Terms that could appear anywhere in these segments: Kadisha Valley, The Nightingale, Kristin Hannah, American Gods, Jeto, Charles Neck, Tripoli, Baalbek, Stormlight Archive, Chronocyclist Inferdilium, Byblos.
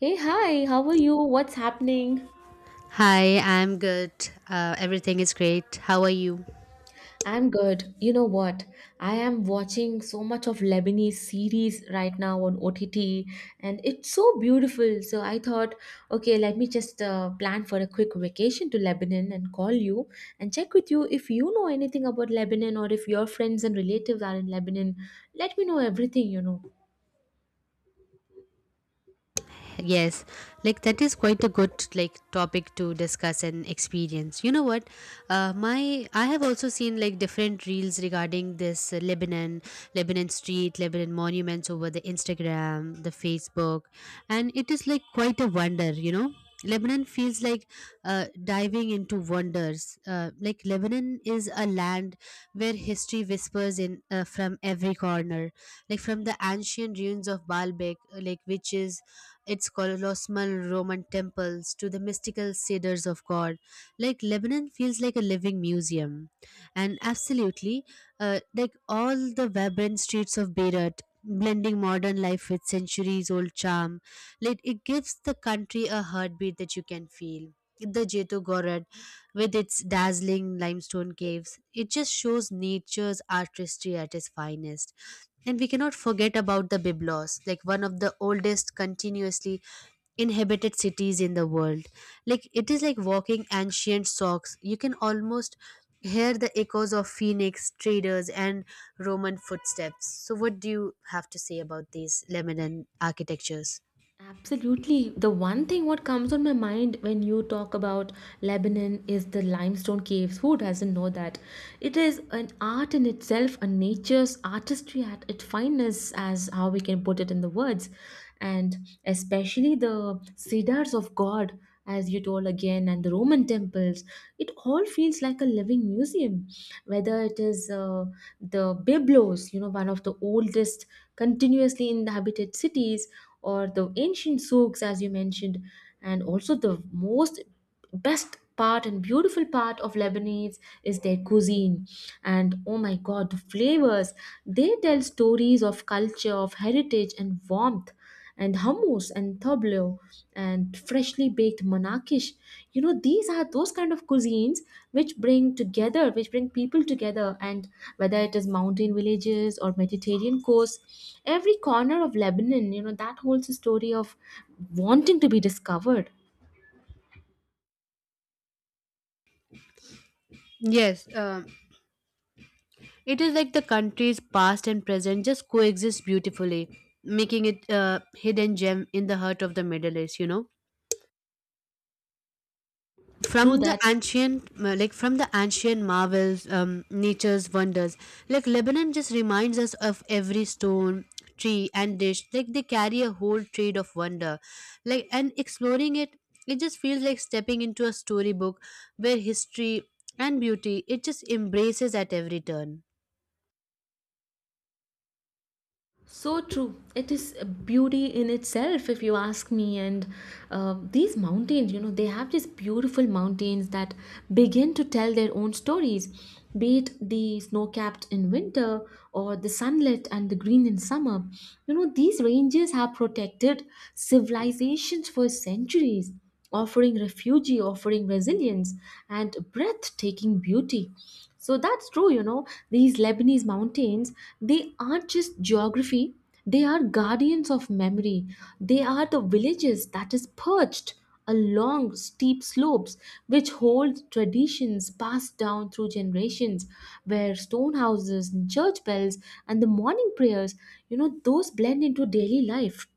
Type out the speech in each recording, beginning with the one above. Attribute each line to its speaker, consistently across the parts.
Speaker 1: Hey, hi, how are you? What's happening?
Speaker 2: Hi, I'm good. Everything is great. How are you?
Speaker 1: I'm good. You know what? I am watching so much of Lebanese series right now on OTT, and it's so beautiful. So I thought, okay, let me just plan for a quick vacation to Lebanon and call you and check with you if you know anything about Lebanon or if your friends and relatives are in Lebanon. Let me know everything you know.
Speaker 2: Yes, like that is quite a good like topic to discuss and experience. You know what? My I have also seen like different reels regarding this Lebanon, Lebanon street, Lebanon monuments over the Instagram, the Facebook, and it is like quite a wonder. You know, Lebanon feels like diving into wonders. Like Lebanon is a land where history whispers in from every corner, like from the ancient ruins of Baalbek, like which is its colossal Roman temples to the mystical cedars of God. Like Lebanon feels like a living museum. And absolutely, like all the vibrant streets of Beirut, blending modern life with centuries old charm, like it gives the country a heartbeat that you can feel. The Jeto with its dazzling limestone caves. It just shows nature's artistry at its finest. And we cannot forget about the Byblos, like one of the oldest continuously inhabited cities in the world. Like it is like walking ancient socks. You can almost hear the echoes of Phoenix, traders, and Roman footsteps. So, what do you have to say about these Lebanon architectures?
Speaker 1: Absolutely. The one thing what comes on my mind when you talk about Lebanon is the limestone caves. Who doesn't know that? It is an art in itself, a nature's artistry at its finest, as how we can put it in the words. And especially the cedars of God, as you told again, and the Roman temples. It all feels like a living museum. Whether it is the Byblos, you know, one of the oldest continuously inhabited cities, or the ancient souks as you mentioned, and also the most best part and beautiful part of lebanese is their cuisine. And oh my god, the flavors, they tell stories of culture, of heritage and warmth, and hummus and tableau and freshly baked manakish. You know, these are those kind of cuisines which bring together, which bring people together. And whether it is mountain villages or mediterranean coast, every corner of lebanon, you know, that holds a story of wanting to be discovered.
Speaker 2: Yes, it is like the country's past and present just coexist beautifully, making it a hidden gem in the heart of the Middle East.
Speaker 1: True
Speaker 2: From the
Speaker 1: that.
Speaker 2: ancient, uh, like from the ancient marvels, nature's wonders, like Lebanon just reminds us of every stone, tree, and dish. Like they carry a whole trade of wonder, like and exploring it, it just feels like stepping into a storybook where history and beauty it just embraces at every turn.
Speaker 1: So true. It is a beauty in itself, if you ask me. And these mountains, you know, they have these beautiful mountains that begin to tell their own stories, be it the snow capped in winter or the sunlit and the green in summer. You know, these ranges have protected civilizations for centuries, offering refuge, offering resilience, and breathtaking beauty. So that's true, you know. These Lebanese mountains, they aren't just geography, they are guardians of memory. They are the villages that is perched along steep slopes, which hold traditions passed down through generations, where stone houses and church bells and the morning prayers, you know, those blend into daily life.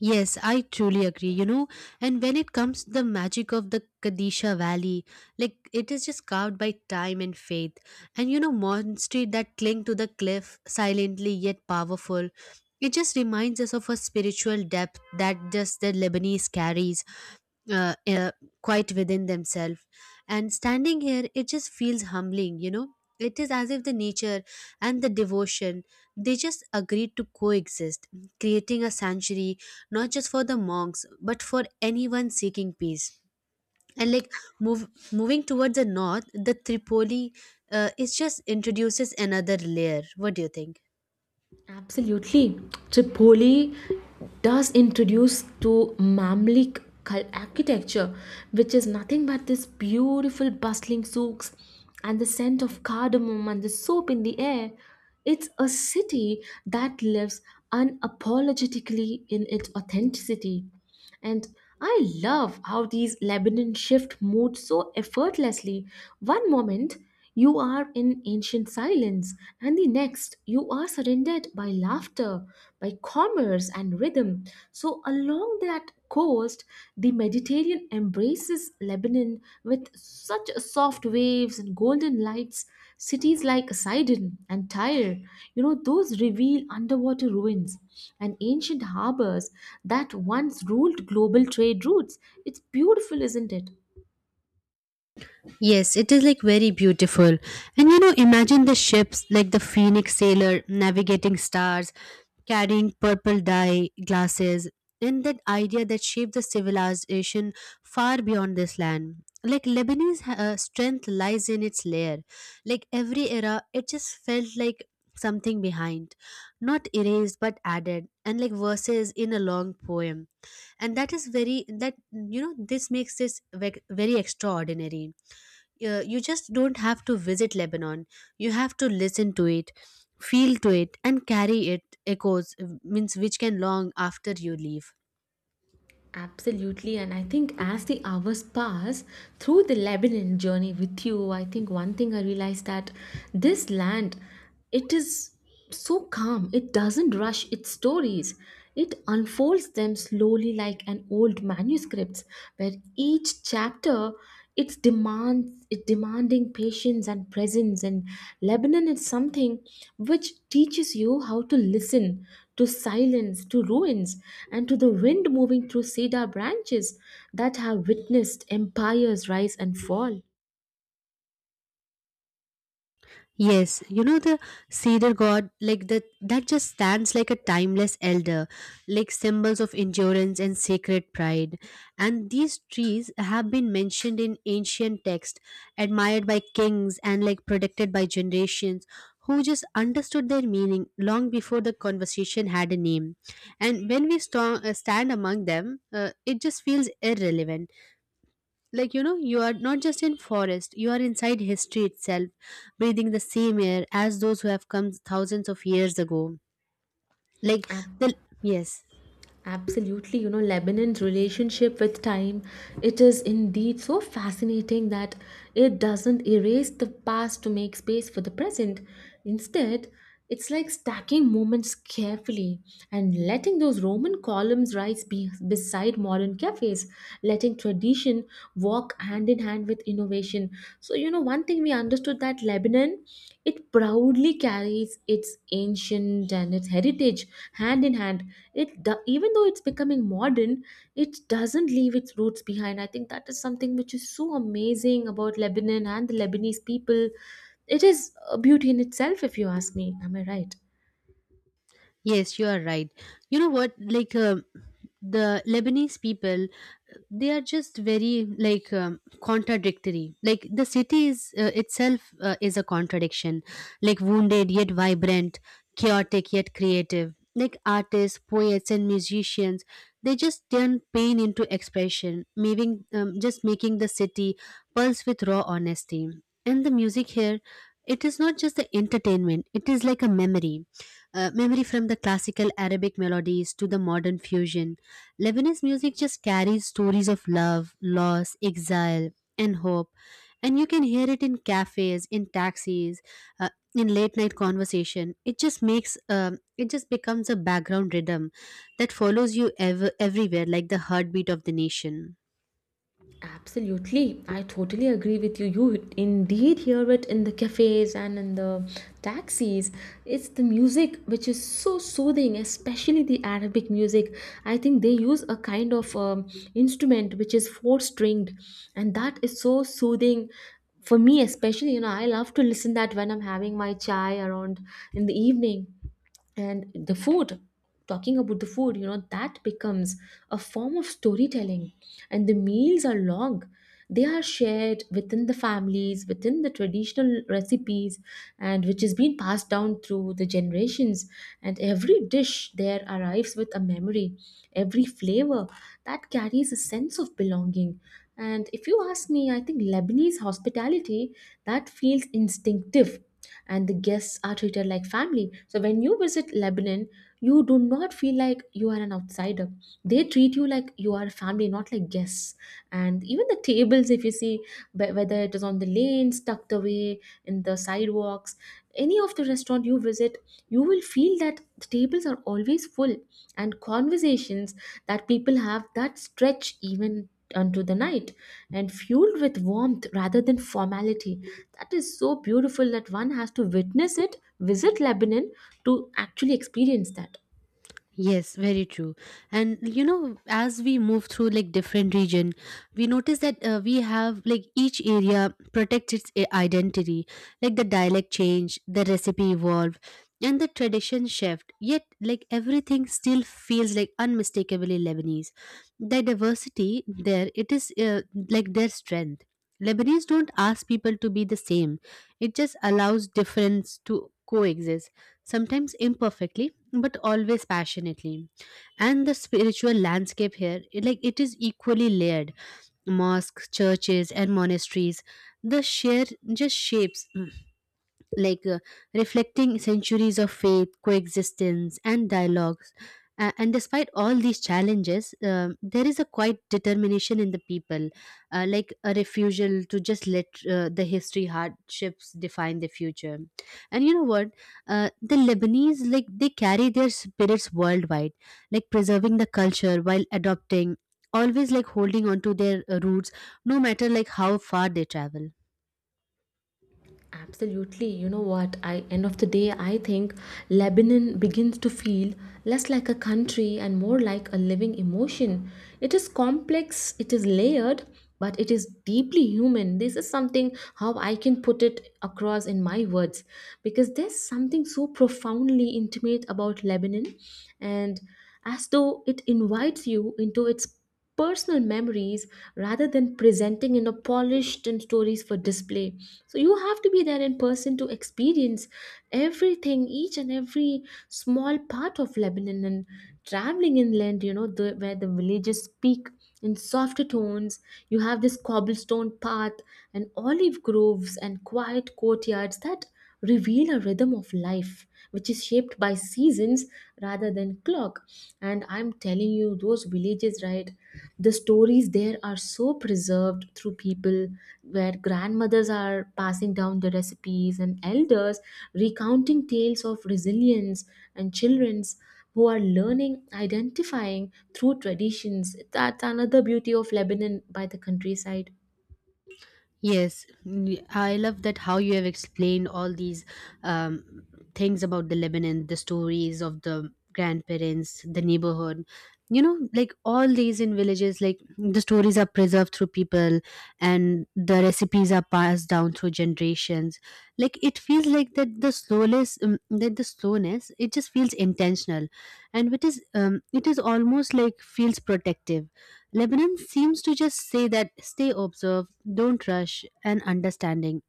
Speaker 2: Yes, I truly agree. And when it comes to the magic of the Kadisha Valley, like it is just carved by time and faith. And monastery that cling to the cliff silently yet powerful. It just reminds us of a spiritual depth that just the Lebanese carries uh, uh, quite within themselves. And standing here, it just feels humbling. It is as if the nature and the devotion they just agreed to coexist, creating a sanctuary not just for the monks but for anyone seeking peace. And like moving towards the north, the Tripoli it just introduces another layer. What do you think?
Speaker 1: Absolutely. Tripoli does introduce to architecture, which is nothing but this beautiful bustling souks and the scent of cardamom and the soap in the air. It's a city that lives unapologetically in its authenticity. And I love how these Lebanon shift mood so effortlessly. One moment you are in ancient silence, and the next you are surrounded by laughter, by commerce and rhythm. So, along that coast, the Mediterranean embraces Lebanon with such soft waves and golden lights. Cities like Sidon and Tyre, you know, those reveal underwater ruins and ancient harbors that once ruled global trade routes. It's beautiful, isn't it?
Speaker 2: Yes, it is like very beautiful. And imagine the ships like the Phoenix Sailor navigating stars carrying purple dye glasses and that idea that shaped the civilization far beyond this land. Like Lebanese strength lies in its layer. Like every era it just felt like something behind, not erased but added and like verses in a long poem. And that is very, that you know this makes this very extraordinary. You just don't have to visit Lebanon. You have to listen to it, feel to it, and carry it echoes, means which can long after you leave.
Speaker 1: Absolutely, and I think as the hours pass through the Lebanon journey with you, I think one thing I realized that this land, it is so calm. It doesn't rush its stories. It unfolds them slowly like an old manuscripts, where each chapter it demanding patience and presence, and lebanon is something which teaches you how to listen, to silence, to ruins, and to the wind moving through cedar branches that have witnessed empires rise and fall.
Speaker 2: Yes, you know the cedar god, like that, that just stands like a timeless elder, like symbols of endurance and sacred pride. And these trees have been mentioned in ancient texts, admired by kings and like protected by generations who just understood their meaning long before the conversation had a name. And when we stand among them, it just feels irrelevant. Like you are not just in forest, you are inside history itself, breathing the same air as those who have come thousands of years ago. Like the Yes,
Speaker 1: Absolutely, you know, Lebanon's relationship with time, it is indeed so fascinating that it doesn't erase the past to make space for the present. Instead, it's like stacking moments carefully and letting those Roman columns rise beside modern cafes, letting tradition walk hand in hand with innovation. So, you know, one thing we understood that Lebanon, it proudly carries its ancient and its heritage hand in hand. Even though it's becoming modern, it doesn't leave its roots behind. I think that is something which is so amazing about Lebanon and the Lebanese people. It is a beauty in itself, if you ask me. Am I right?
Speaker 2: yes, you are right. You know what? Like, the Lebanese people, they are just very like contradictory. Like the city is, itself, is a contradiction, like wounded yet vibrant, chaotic yet creative, like artists, poets and musicians, they just turn pain into expression, making just making the city pulse with raw honesty. And the music here, it is not just the entertainment. It is like a memory, from the classical Arabic melodies to the modern fusion. Lebanese music just carries stories of love, loss, exile, and hope. And you can hear it in cafes, in taxis, uh, in late night conversation. It just becomes a background rhythm that follows you everywhere, like the heartbeat of the nation.
Speaker 1: Absolutely, I totally agree with you. You indeed hear it in the cafes and in the taxis. It's the music which is so soothing, especially the Arabic music. I think they use a kind of instrument which is four stringed, and that is so soothing for me, especially. You know, I love to listen that when I'm having my chai around in the evening. And the food, talking about the food, you know, that becomes a form of storytelling. And the meals are long, they are shared within the families, within the traditional recipes, and which has been passed down through the generations. And every dish there arrives with a memory, every flavor that carries a sense of belonging. And if you ask me, I think lebanese hospitality, that feels instinctive, and the guests are treated like family. So when you visit Lebanon, you do not feel like you are an outsider. They treat you like you are a family, not like guests. And even the tables, if you see, whether it is on the lanes tucked away in the sidewalks, any of the restaurant you visit, you will feel that the tables are always full, and conversations that people have that stretch even unto the night, and fueled with warmth rather than formality. That is so beautiful that one has to witness it, visit lebanon to actually experience that.
Speaker 2: Yes, very true. And as we move through like different region, we notice that we have like each area protects its identity, like the dialect change, the recipe evolve, and the tradition shift. Yet, like everything still feels like unmistakably Lebanese. The diversity there, it is like their strength. Lebanese don't ask people to be the same; it just allows difference to coexist, sometimes imperfectly but always passionately. And the spiritual landscape here, like it is equally layered, mosques, churches and monasteries, the share just shapes, like reflecting centuries of faith, coexistence, and dialogues. And despite all these challenges, there is a quiet determination in the people, like a refusal to just let the history hardships define the future. And you know what? Uh, the Lebanese, like, they carry their spirits worldwide, like preserving the culture while adopting, always like holding on to their roots, no matter like how far they travel.
Speaker 1: Absolutely. You know what? I end of the day, I think Lebanon begins to feel less like a country and more like a living emotion. It is complex, it is layered, but it is deeply human. This is something how I can put it across in my words, because there's something so profoundly intimate about Lebanon, and as though it invites you into its personal memories rather than presenting in a polished and stories for display. So you have to be there in person to experience everything, each and every small part of lebanon. And traveling inland, you know, where the villages speak in softer tones, you have this cobblestone path and olive groves and quiet courtyards that reveal a rhythm of life which is shaped by seasons rather than clock. And I'm telling you, those villages, right, the stories there are so preserved through people, where grandmothers are passing down the recipes, and elders recounting tales of resilience, and children's who are learning, identifying through traditions. That's another beauty of lebanon by the countryside.
Speaker 2: Yes, I love that how you have explained all these um, things about the Lebanon, the stories of the grandparents, the neighborhood. You know, like all these in villages, like the stories are preserved through people and the recipes are passed down through generations. Like it feels like that the slowness, it just feels intentional, and it is almost like feels protective. Lebanon seems to just say that stay observe, don't rush, and understanding.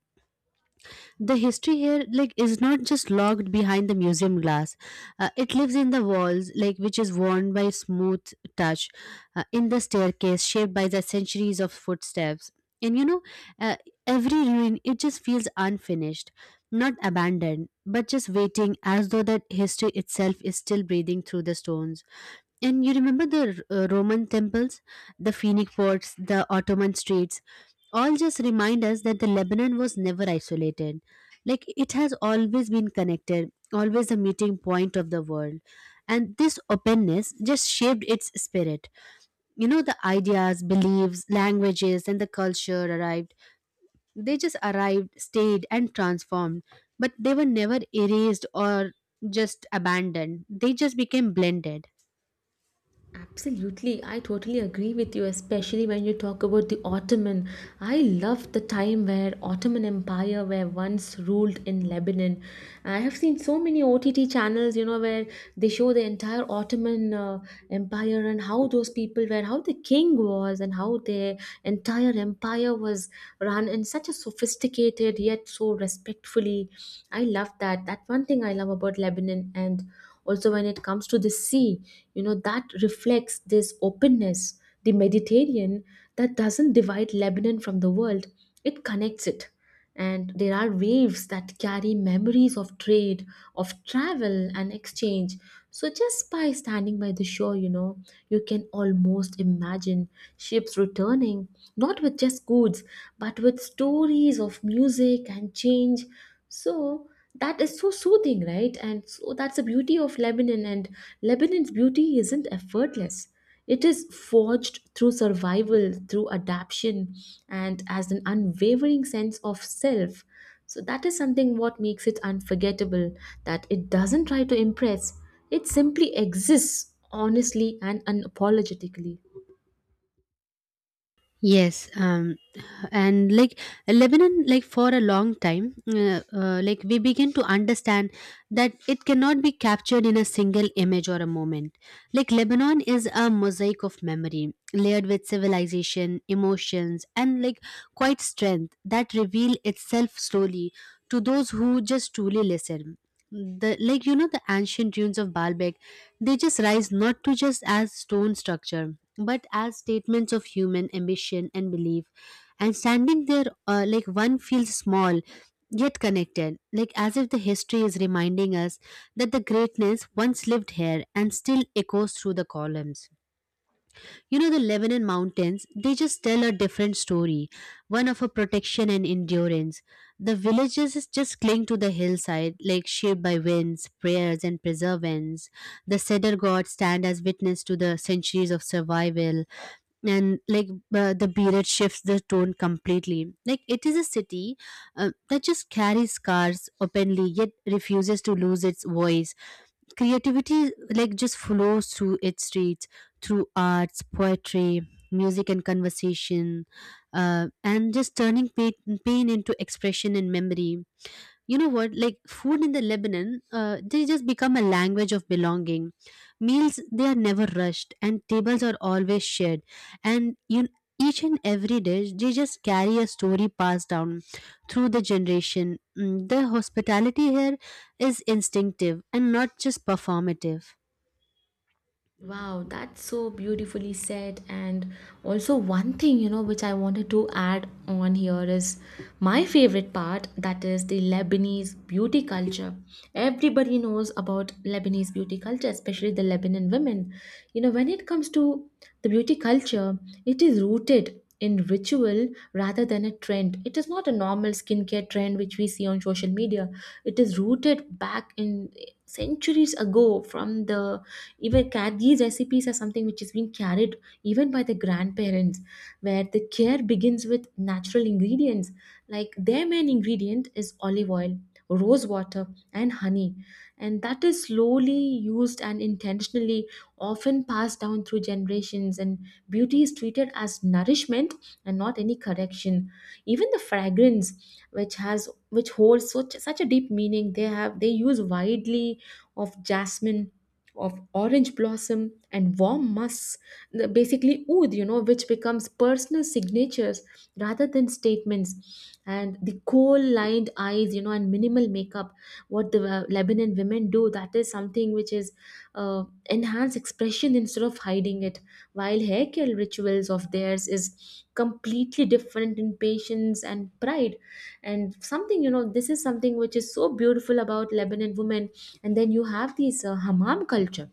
Speaker 2: The history here, like, is not just locked behind the museum glass. It lives in the walls, like, which is worn by smooth touch, in the staircase shaped by the centuries of footsteps. And uh, every ruin, it just feels unfinished, not abandoned, but just waiting as though that history itself is still breathing through the stones. And you remember the Roman temples, the Phoenix forts, the Ottoman streets, all just remind us that the Lebanon was never isolated. Like it has always been connected, always a meeting point of the world. And this openness just shaped its spirit. You know, the ideas, beliefs, languages, and the culture arrived. They just arrived, stayed, and transformed. But they were never erased or just abandoned. They just became blended.
Speaker 1: Absolutely, I totally agree with you, especially when you talk about the Ottoman. I love the time where Ottoman Empire were once ruled in Lebanon. I have seen so many OTT channels, you know, where they show the entire Ottoman Empire, and how those people were, how the king was, and how their entire empire was run in such a sophisticated yet so respectfully. I love that. That one thing I love about Lebanon. And also when it comes to the sea, you know, that reflects this openness, the mediterranean that doesn't divide lebanon from the world, it connects it. And there are waves that carry memories of trade, of travel and exchange. So just by standing by the shore, you know, you can almost imagine ships returning, not with just goods, but with stories of music and change. So that is so soothing, right? And so that's the beauty of lebanon. And lebanon's beauty isn't effortless, it is forged through survival, through adaptation, and as an unwavering sense of self. So that is something what makes it unforgettable, that it doesn't try to impress, it simply exists honestly and unapologetically.
Speaker 2: Yes, and like Lebanon, like for a long time, like we begin to understand that it cannot be captured in a single image or a moment. Like Lebanon is a mosaic of memory, layered with civilization, emotions and like quite strength, that reveal itself slowly to those who just truly listen. The like you know the ancient ruins of Baalbek, they just rise not to just as stone structure but as statements of human ambition and belief. And standing there, like one feels small, yet connected, like as if the history is reminding us that the greatness once lived here and still echoes through the columns. The Lebanon mountains, they just tell a different story, one of a protection and endurance. The villages is just cling to the hillside, like shaped by winds, prayers, and preservance. The cedar gods stand as witness to the centuries of survival. And like the beard shifts the tone completely, like it is a city that just carries scars openly yet refuses to lose its voice. Creativity like just flows through its streets, through arts, poetry, music and conversation, and just turning pain into expression and memory. You know what? Like food in the Lebanon, they just become a language of belonging. Meals, they are never rushed and tables are always shared. And you each and every dish, they just carry a story passed down through the generation. The hospitality here is instinctive and not just performative.
Speaker 1: Wow, that's so beautifully said. And also, one thing, you know, which I wanted to add on here is my favorite part, that is the Lebanese beauty culture. Everybody knows about Lebanese beauty culture, especially the Lebanon women. You know, when it comes to the beauty culture, it is rooted in ritual rather than a trend. It is not a normal skincare trend which we see on social media. It is rooted back in centuries ago from the these recipes are something which is being carried even by the grandparents, where the care begins with natural ingredients. Like, their main ingredient is olive oil, rose water, and honey, and that is slowly used and intentionally often passed down through generations, and beauty is treated as nourishment and not any correction. Even the fragrance, which has which holds such a deep meaning, they have they use widely of jasmine, of orange blossom, and warm musks. Basically oud, you know, which becomes personal signatures rather than statements, and the coal lined eyes, you know, and minimal makeup, what the lebanon women do, that is something which is enhanced expression instead of hiding it. While hair care rituals of theirs is completely different in patience and pride, and something, you know, this is something which is so beautiful about lebanon women. And then you have this hammam culture.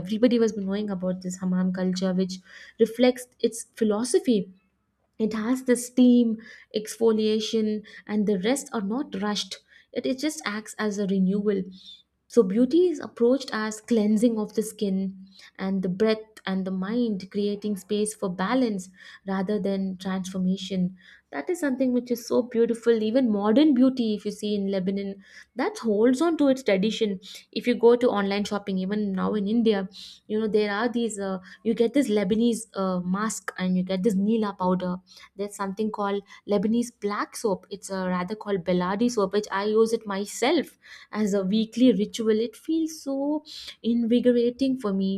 Speaker 1: Everybody was knowing about this hammam culture, which reflects its philosophy. It has the steam, exfoliation, and the rest are not rushed. It just acts as a renewal. So beauty is approached as cleansing of the skin and the breath and the mind, creating space for balance rather than transformation. That is something which is so beautiful. Even modern beauty, if you see in lebanon, that holds on to its tradition. If you go to online shopping even now in india, you know, there are these you get this lebanese mask, and you get this nila powder. There's something called lebanese black soap. It's a rather called beladi soap, which I use it myself as a weekly ritual. It feels so invigorating for me.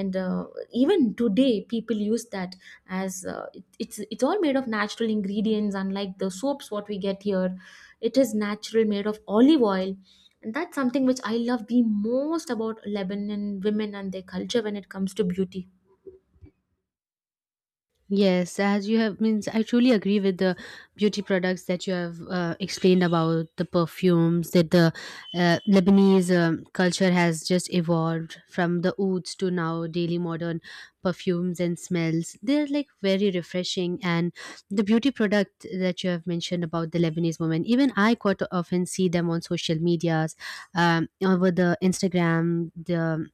Speaker 1: And even today people use that as it's all made of natural ingredients, unlike the soaps what we get here. It is natural, made of olive oil. And that's something which I love the most about lebanon women and their culture when it comes to beauty.
Speaker 2: Yes, as you have means, I truly agree with the beauty products that you have explained about the perfumes that the Lebanese culture has just evolved from the ouds to now daily modern perfumes and smells. They're like very refreshing, and the beauty product that you have mentioned about the Lebanese women, even I quite often see them on social medias, over the Instagram, the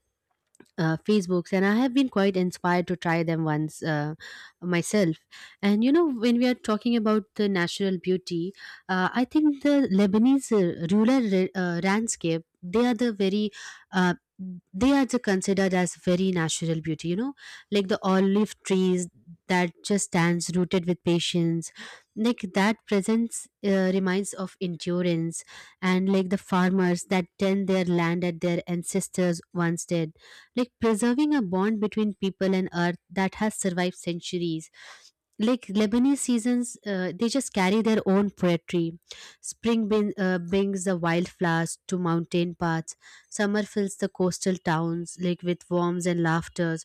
Speaker 2: facebooks, and I have been quite inspired to try them once, myself. And you know, when we are talking about the natural beauty, I think the Lebanese rural landscape, they are the very uh, they are the considered as very natural beauty, you know, like the olive trees that just stands rooted with patience. Like that presence reminds of endurance, and like the farmers that tend their land that their ancestors once did, like preserving a bond between people and earth that has survived centuries. Like Lebanese seasons, they just carry their own poetry. Spring brings the wildflowers to mountain paths. Summer fills the coastal towns like with warmth and laughter.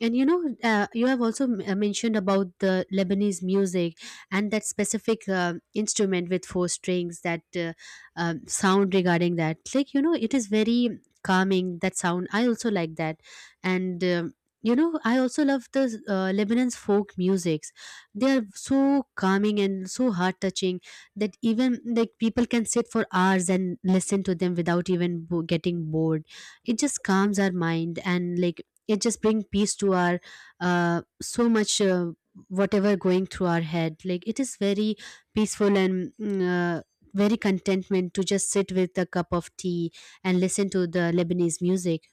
Speaker 2: And you know, you have also mentioned about the Lebanese music, and that specific instrument with four strings, that sound regarding that. Like, you know, it is very calming, that sound. I also like that. And, um, you know, I also love the Lebanon's folk musics. They are so calming and so heart touching that even like people can sit for hours and listen to them without even getting bored. It just calms our mind, and like it just bring peace to our so much, whatever going through our head, like it is very peaceful and very contentment to just sit with a cup of tea and listen to the Lebanese music.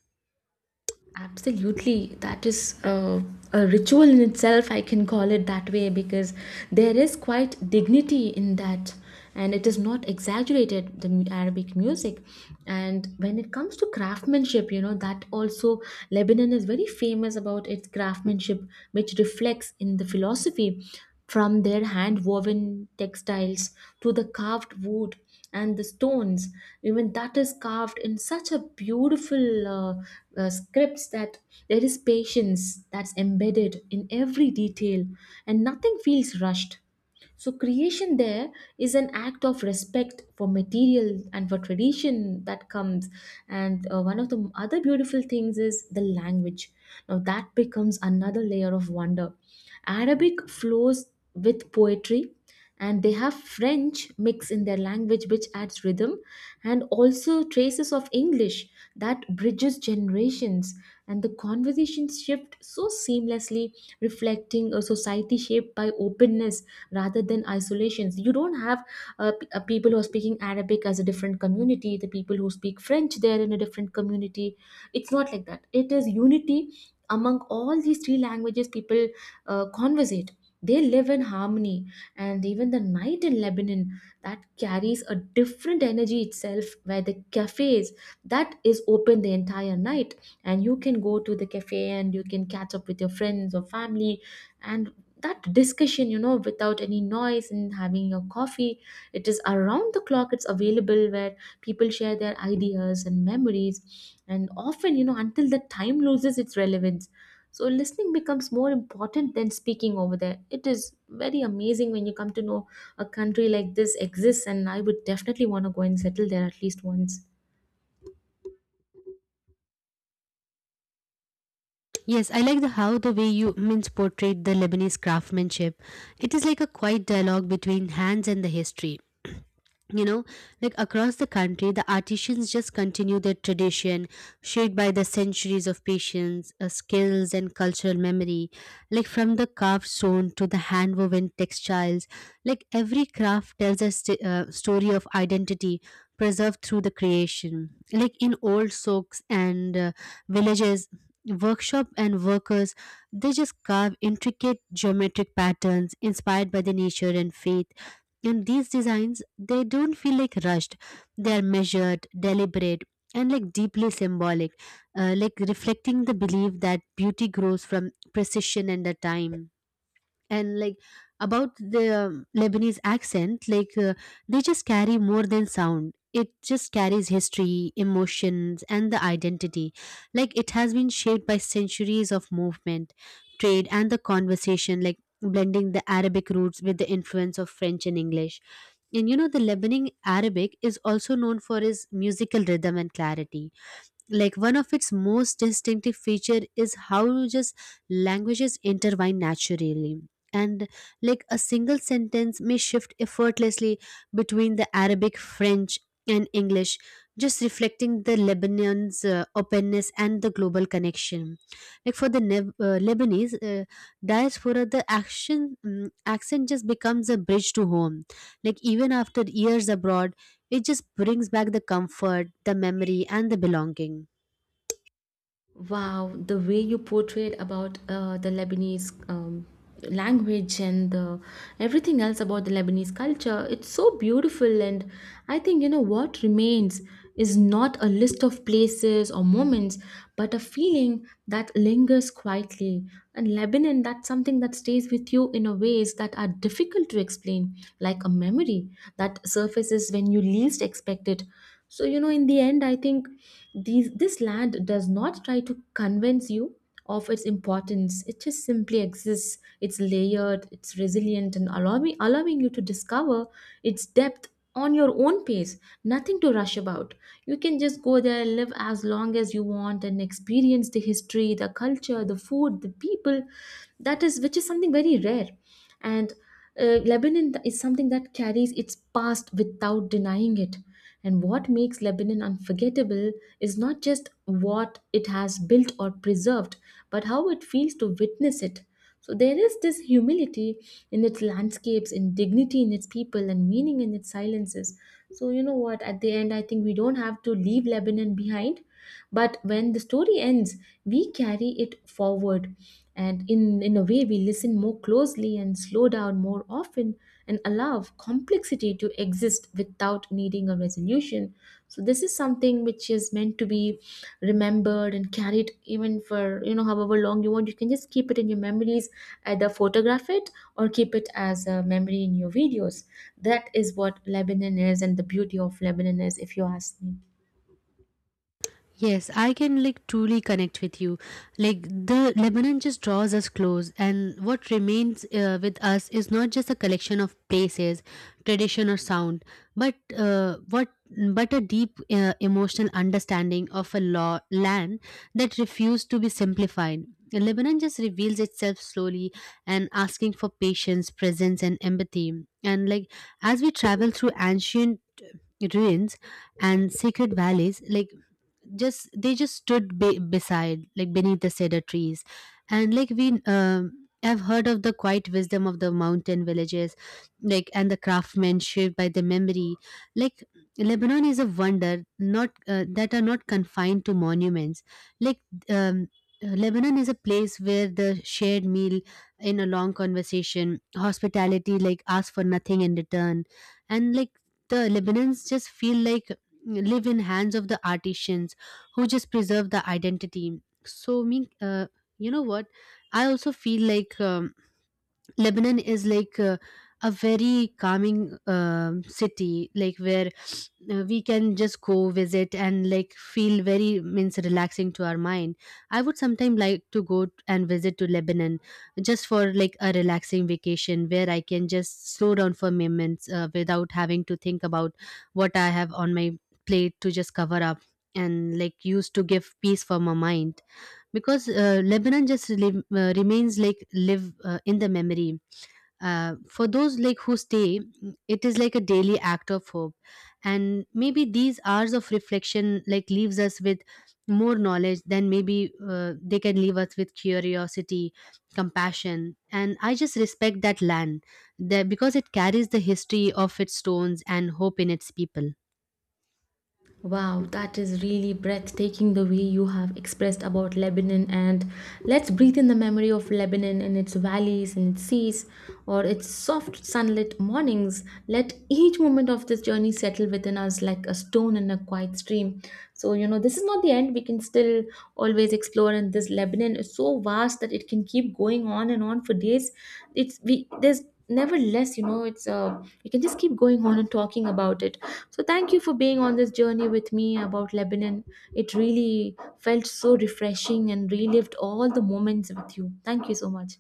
Speaker 1: Absolutely, that is a ritual in itself. I can call it that way because there is quite dignity in that, and it is not exaggerated. The Arabic music. And when it comes to craftsmanship, you know, that also Lebanon is very famous about its craftsmanship, which reflects in the philosophy, from their hand woven textiles to the carved wood and the stones. Even that is carved in such a beautiful scripts that there is patience that's embedded in every detail, and nothing feels rushed. So creation there is an act of respect for material and for tradition that comes. And one of the other beautiful things is the language. Now that becomes another layer of wonder. Arabic flows with poetry, and they have french mix in their language, which adds rhythm, and also traces of english, that bridges generations, and the conversations shift so seamlessly, reflecting a society shaped by openness rather than isolations. You don't have people who are speaking arabic as a different community, the people who speak french they're in a different community. It's not like that. It is unity among all these three languages. People conversate, they live in harmony. And even the night in Lebanon, that carries a different energy itself, where the cafes that is open the entire night, and you can go to the cafe and you can catch up with your friends or family, and that discussion, you know, without any noise, and having your coffee. It is around the clock, it's available, where people share their ideas and memories, and often, you know, until the time loses its relevance. So listening becomes more important than speaking over there. It is very amazing when you come to know a country like this exists, and I would definitely want to go and settle there at least once.
Speaker 2: Yes, I like the how the way you means portrayed the Lebanese craftsmanship. It is like a quiet dialogue between hands and the history, you know, like across the country the artisans just continue their tradition, shaped by the centuries of patience, skills, and cultural memory. Like from the carved stone to the hand woven textiles, like every craft tells a story of identity preserved through the creation, like in old souks and villages. Workshop and workers, they just carve intricate geometric patterns inspired by the nature and faith, and these designs they don't feel like rushed. They are measured, deliberate, and like deeply symbolic, like reflecting the belief that beauty grows from precision and the time. And like, about the Lebanese accent, like, they just carry more than sound. It just carries history, emotions, and the identity. Like it has been shaped by centuries of movement, trade, and the conversation, like blending the Arabic roots with the influence of French and English. And you know, the Lebanon Arabic is also known for its musical rhythm and clarity. Like one of its most distinctive feature is how just languages intertwine naturally, and like a single sentence may shift effortlessly between the Arabic, French, and English, just reflecting the Lebanon's openness and the global connection. Like for the Lebanese diaspora, the action, accent just becomes a bridge to home. Like even after years abroad, it just brings back the comfort, the memory, and the belonging.
Speaker 1: Wow, the way you portrayed about the Lebanese language and the everything else about the Lebanese culture, it's so beautiful. And I think, you know, what remains is not a list of places or moments, but a feeling that lingers quietly. And Lebanon, that's something that stays with you in a ways that are difficult to explain, like a memory that surfaces when you least expect it. So, you know, in the end I think these this land does not try to convince you of its importance. It just simply exists. It's layered, it's resilient, and allowing you to discover its depth on your own pace. Nothing to rush about. You can just go there, live as long as you want, and experience the history, the culture, the food, the people. That is which is something very rare. And is something that carries its past without denying it. And what makes lebanon unforgettable is not just what it has built or preserved, but how it feels to witness it. So there is this humility in its landscapes, in dignity in its people, and meaning in its silences. So you know what? At the end, I think we don't have to leave Lebanon behind, but when the story ends, we carry it forward. And in a way, we listen more closely and slow down more often, and allow complexity to exist without needing a resolution. So this is something which is meant to be remembered and carried, even for, you know, however long you want. You can just keep it in your memories, either photograph it or keep it as a memory in your videos. That is what lebanon is, and the beauty of lebanon is, if you ask me.
Speaker 2: Yes, I can like truly connect with you. Like the Lebanon just draws us close, and what remains with us is not just a collection of places, tradition, or sound, but what but a deep emotional understanding of a law land that refused to be simplified. Lebanon just reveals itself slowly and asking for patience, presence, and empathy. And like, as we travel through ancient ruins and sacred valleys, like just they just stood beside, like beneath the cedar trees, and like we have heard of the quiet wisdom of the mountain villages, like, and the craftsmanship by the memory. Like Lebanon is a wonder, not that are not confined to monuments. Like, um, Lebanon is a place where the shared meal in a long conversation, hospitality, like ask for nothing in return. And like the Lebanons just feel like live in hands of the artisans who just preserve the identity. So me, you know what, I also feel like, Lebanon is like, a very calming, city like, where we can just go visit and like feel very means relaxing to our mind. I would sometimes like to go and visit to Lebanon just for like a relaxing vacation, where I can just slow down for moments, without having to think about what I have on my plate to just cover up, and like use to give peace for my mind. Because Lebanon just remains like live in the memory, for those like who stay, it is like a daily act of hope. And maybe these hours of reflection like leaves us with more knowledge than maybe, they can leave us with curiosity, compassion, and I just respect that land, that because it carries the history of its stones and hope in its people.
Speaker 1: Wow, that is really breathtaking, the way you have expressed about Lebanon. And let's breathe in the memory of Lebanon and its valleys and its seas, or its soft sunlit mornings. Let each moment of this journey settle within us like a stone in a quiet stream. So, you know, this is not the end. We can still always explore, and this Lebanon is so vast that it can keep going on and on for days. It's we There's never less, you know, it's we can just keep going on and talking about it. So, thank you for being on this journey with me about Lebanon. It really felt so refreshing and relived all the moments with you. Thank you so much.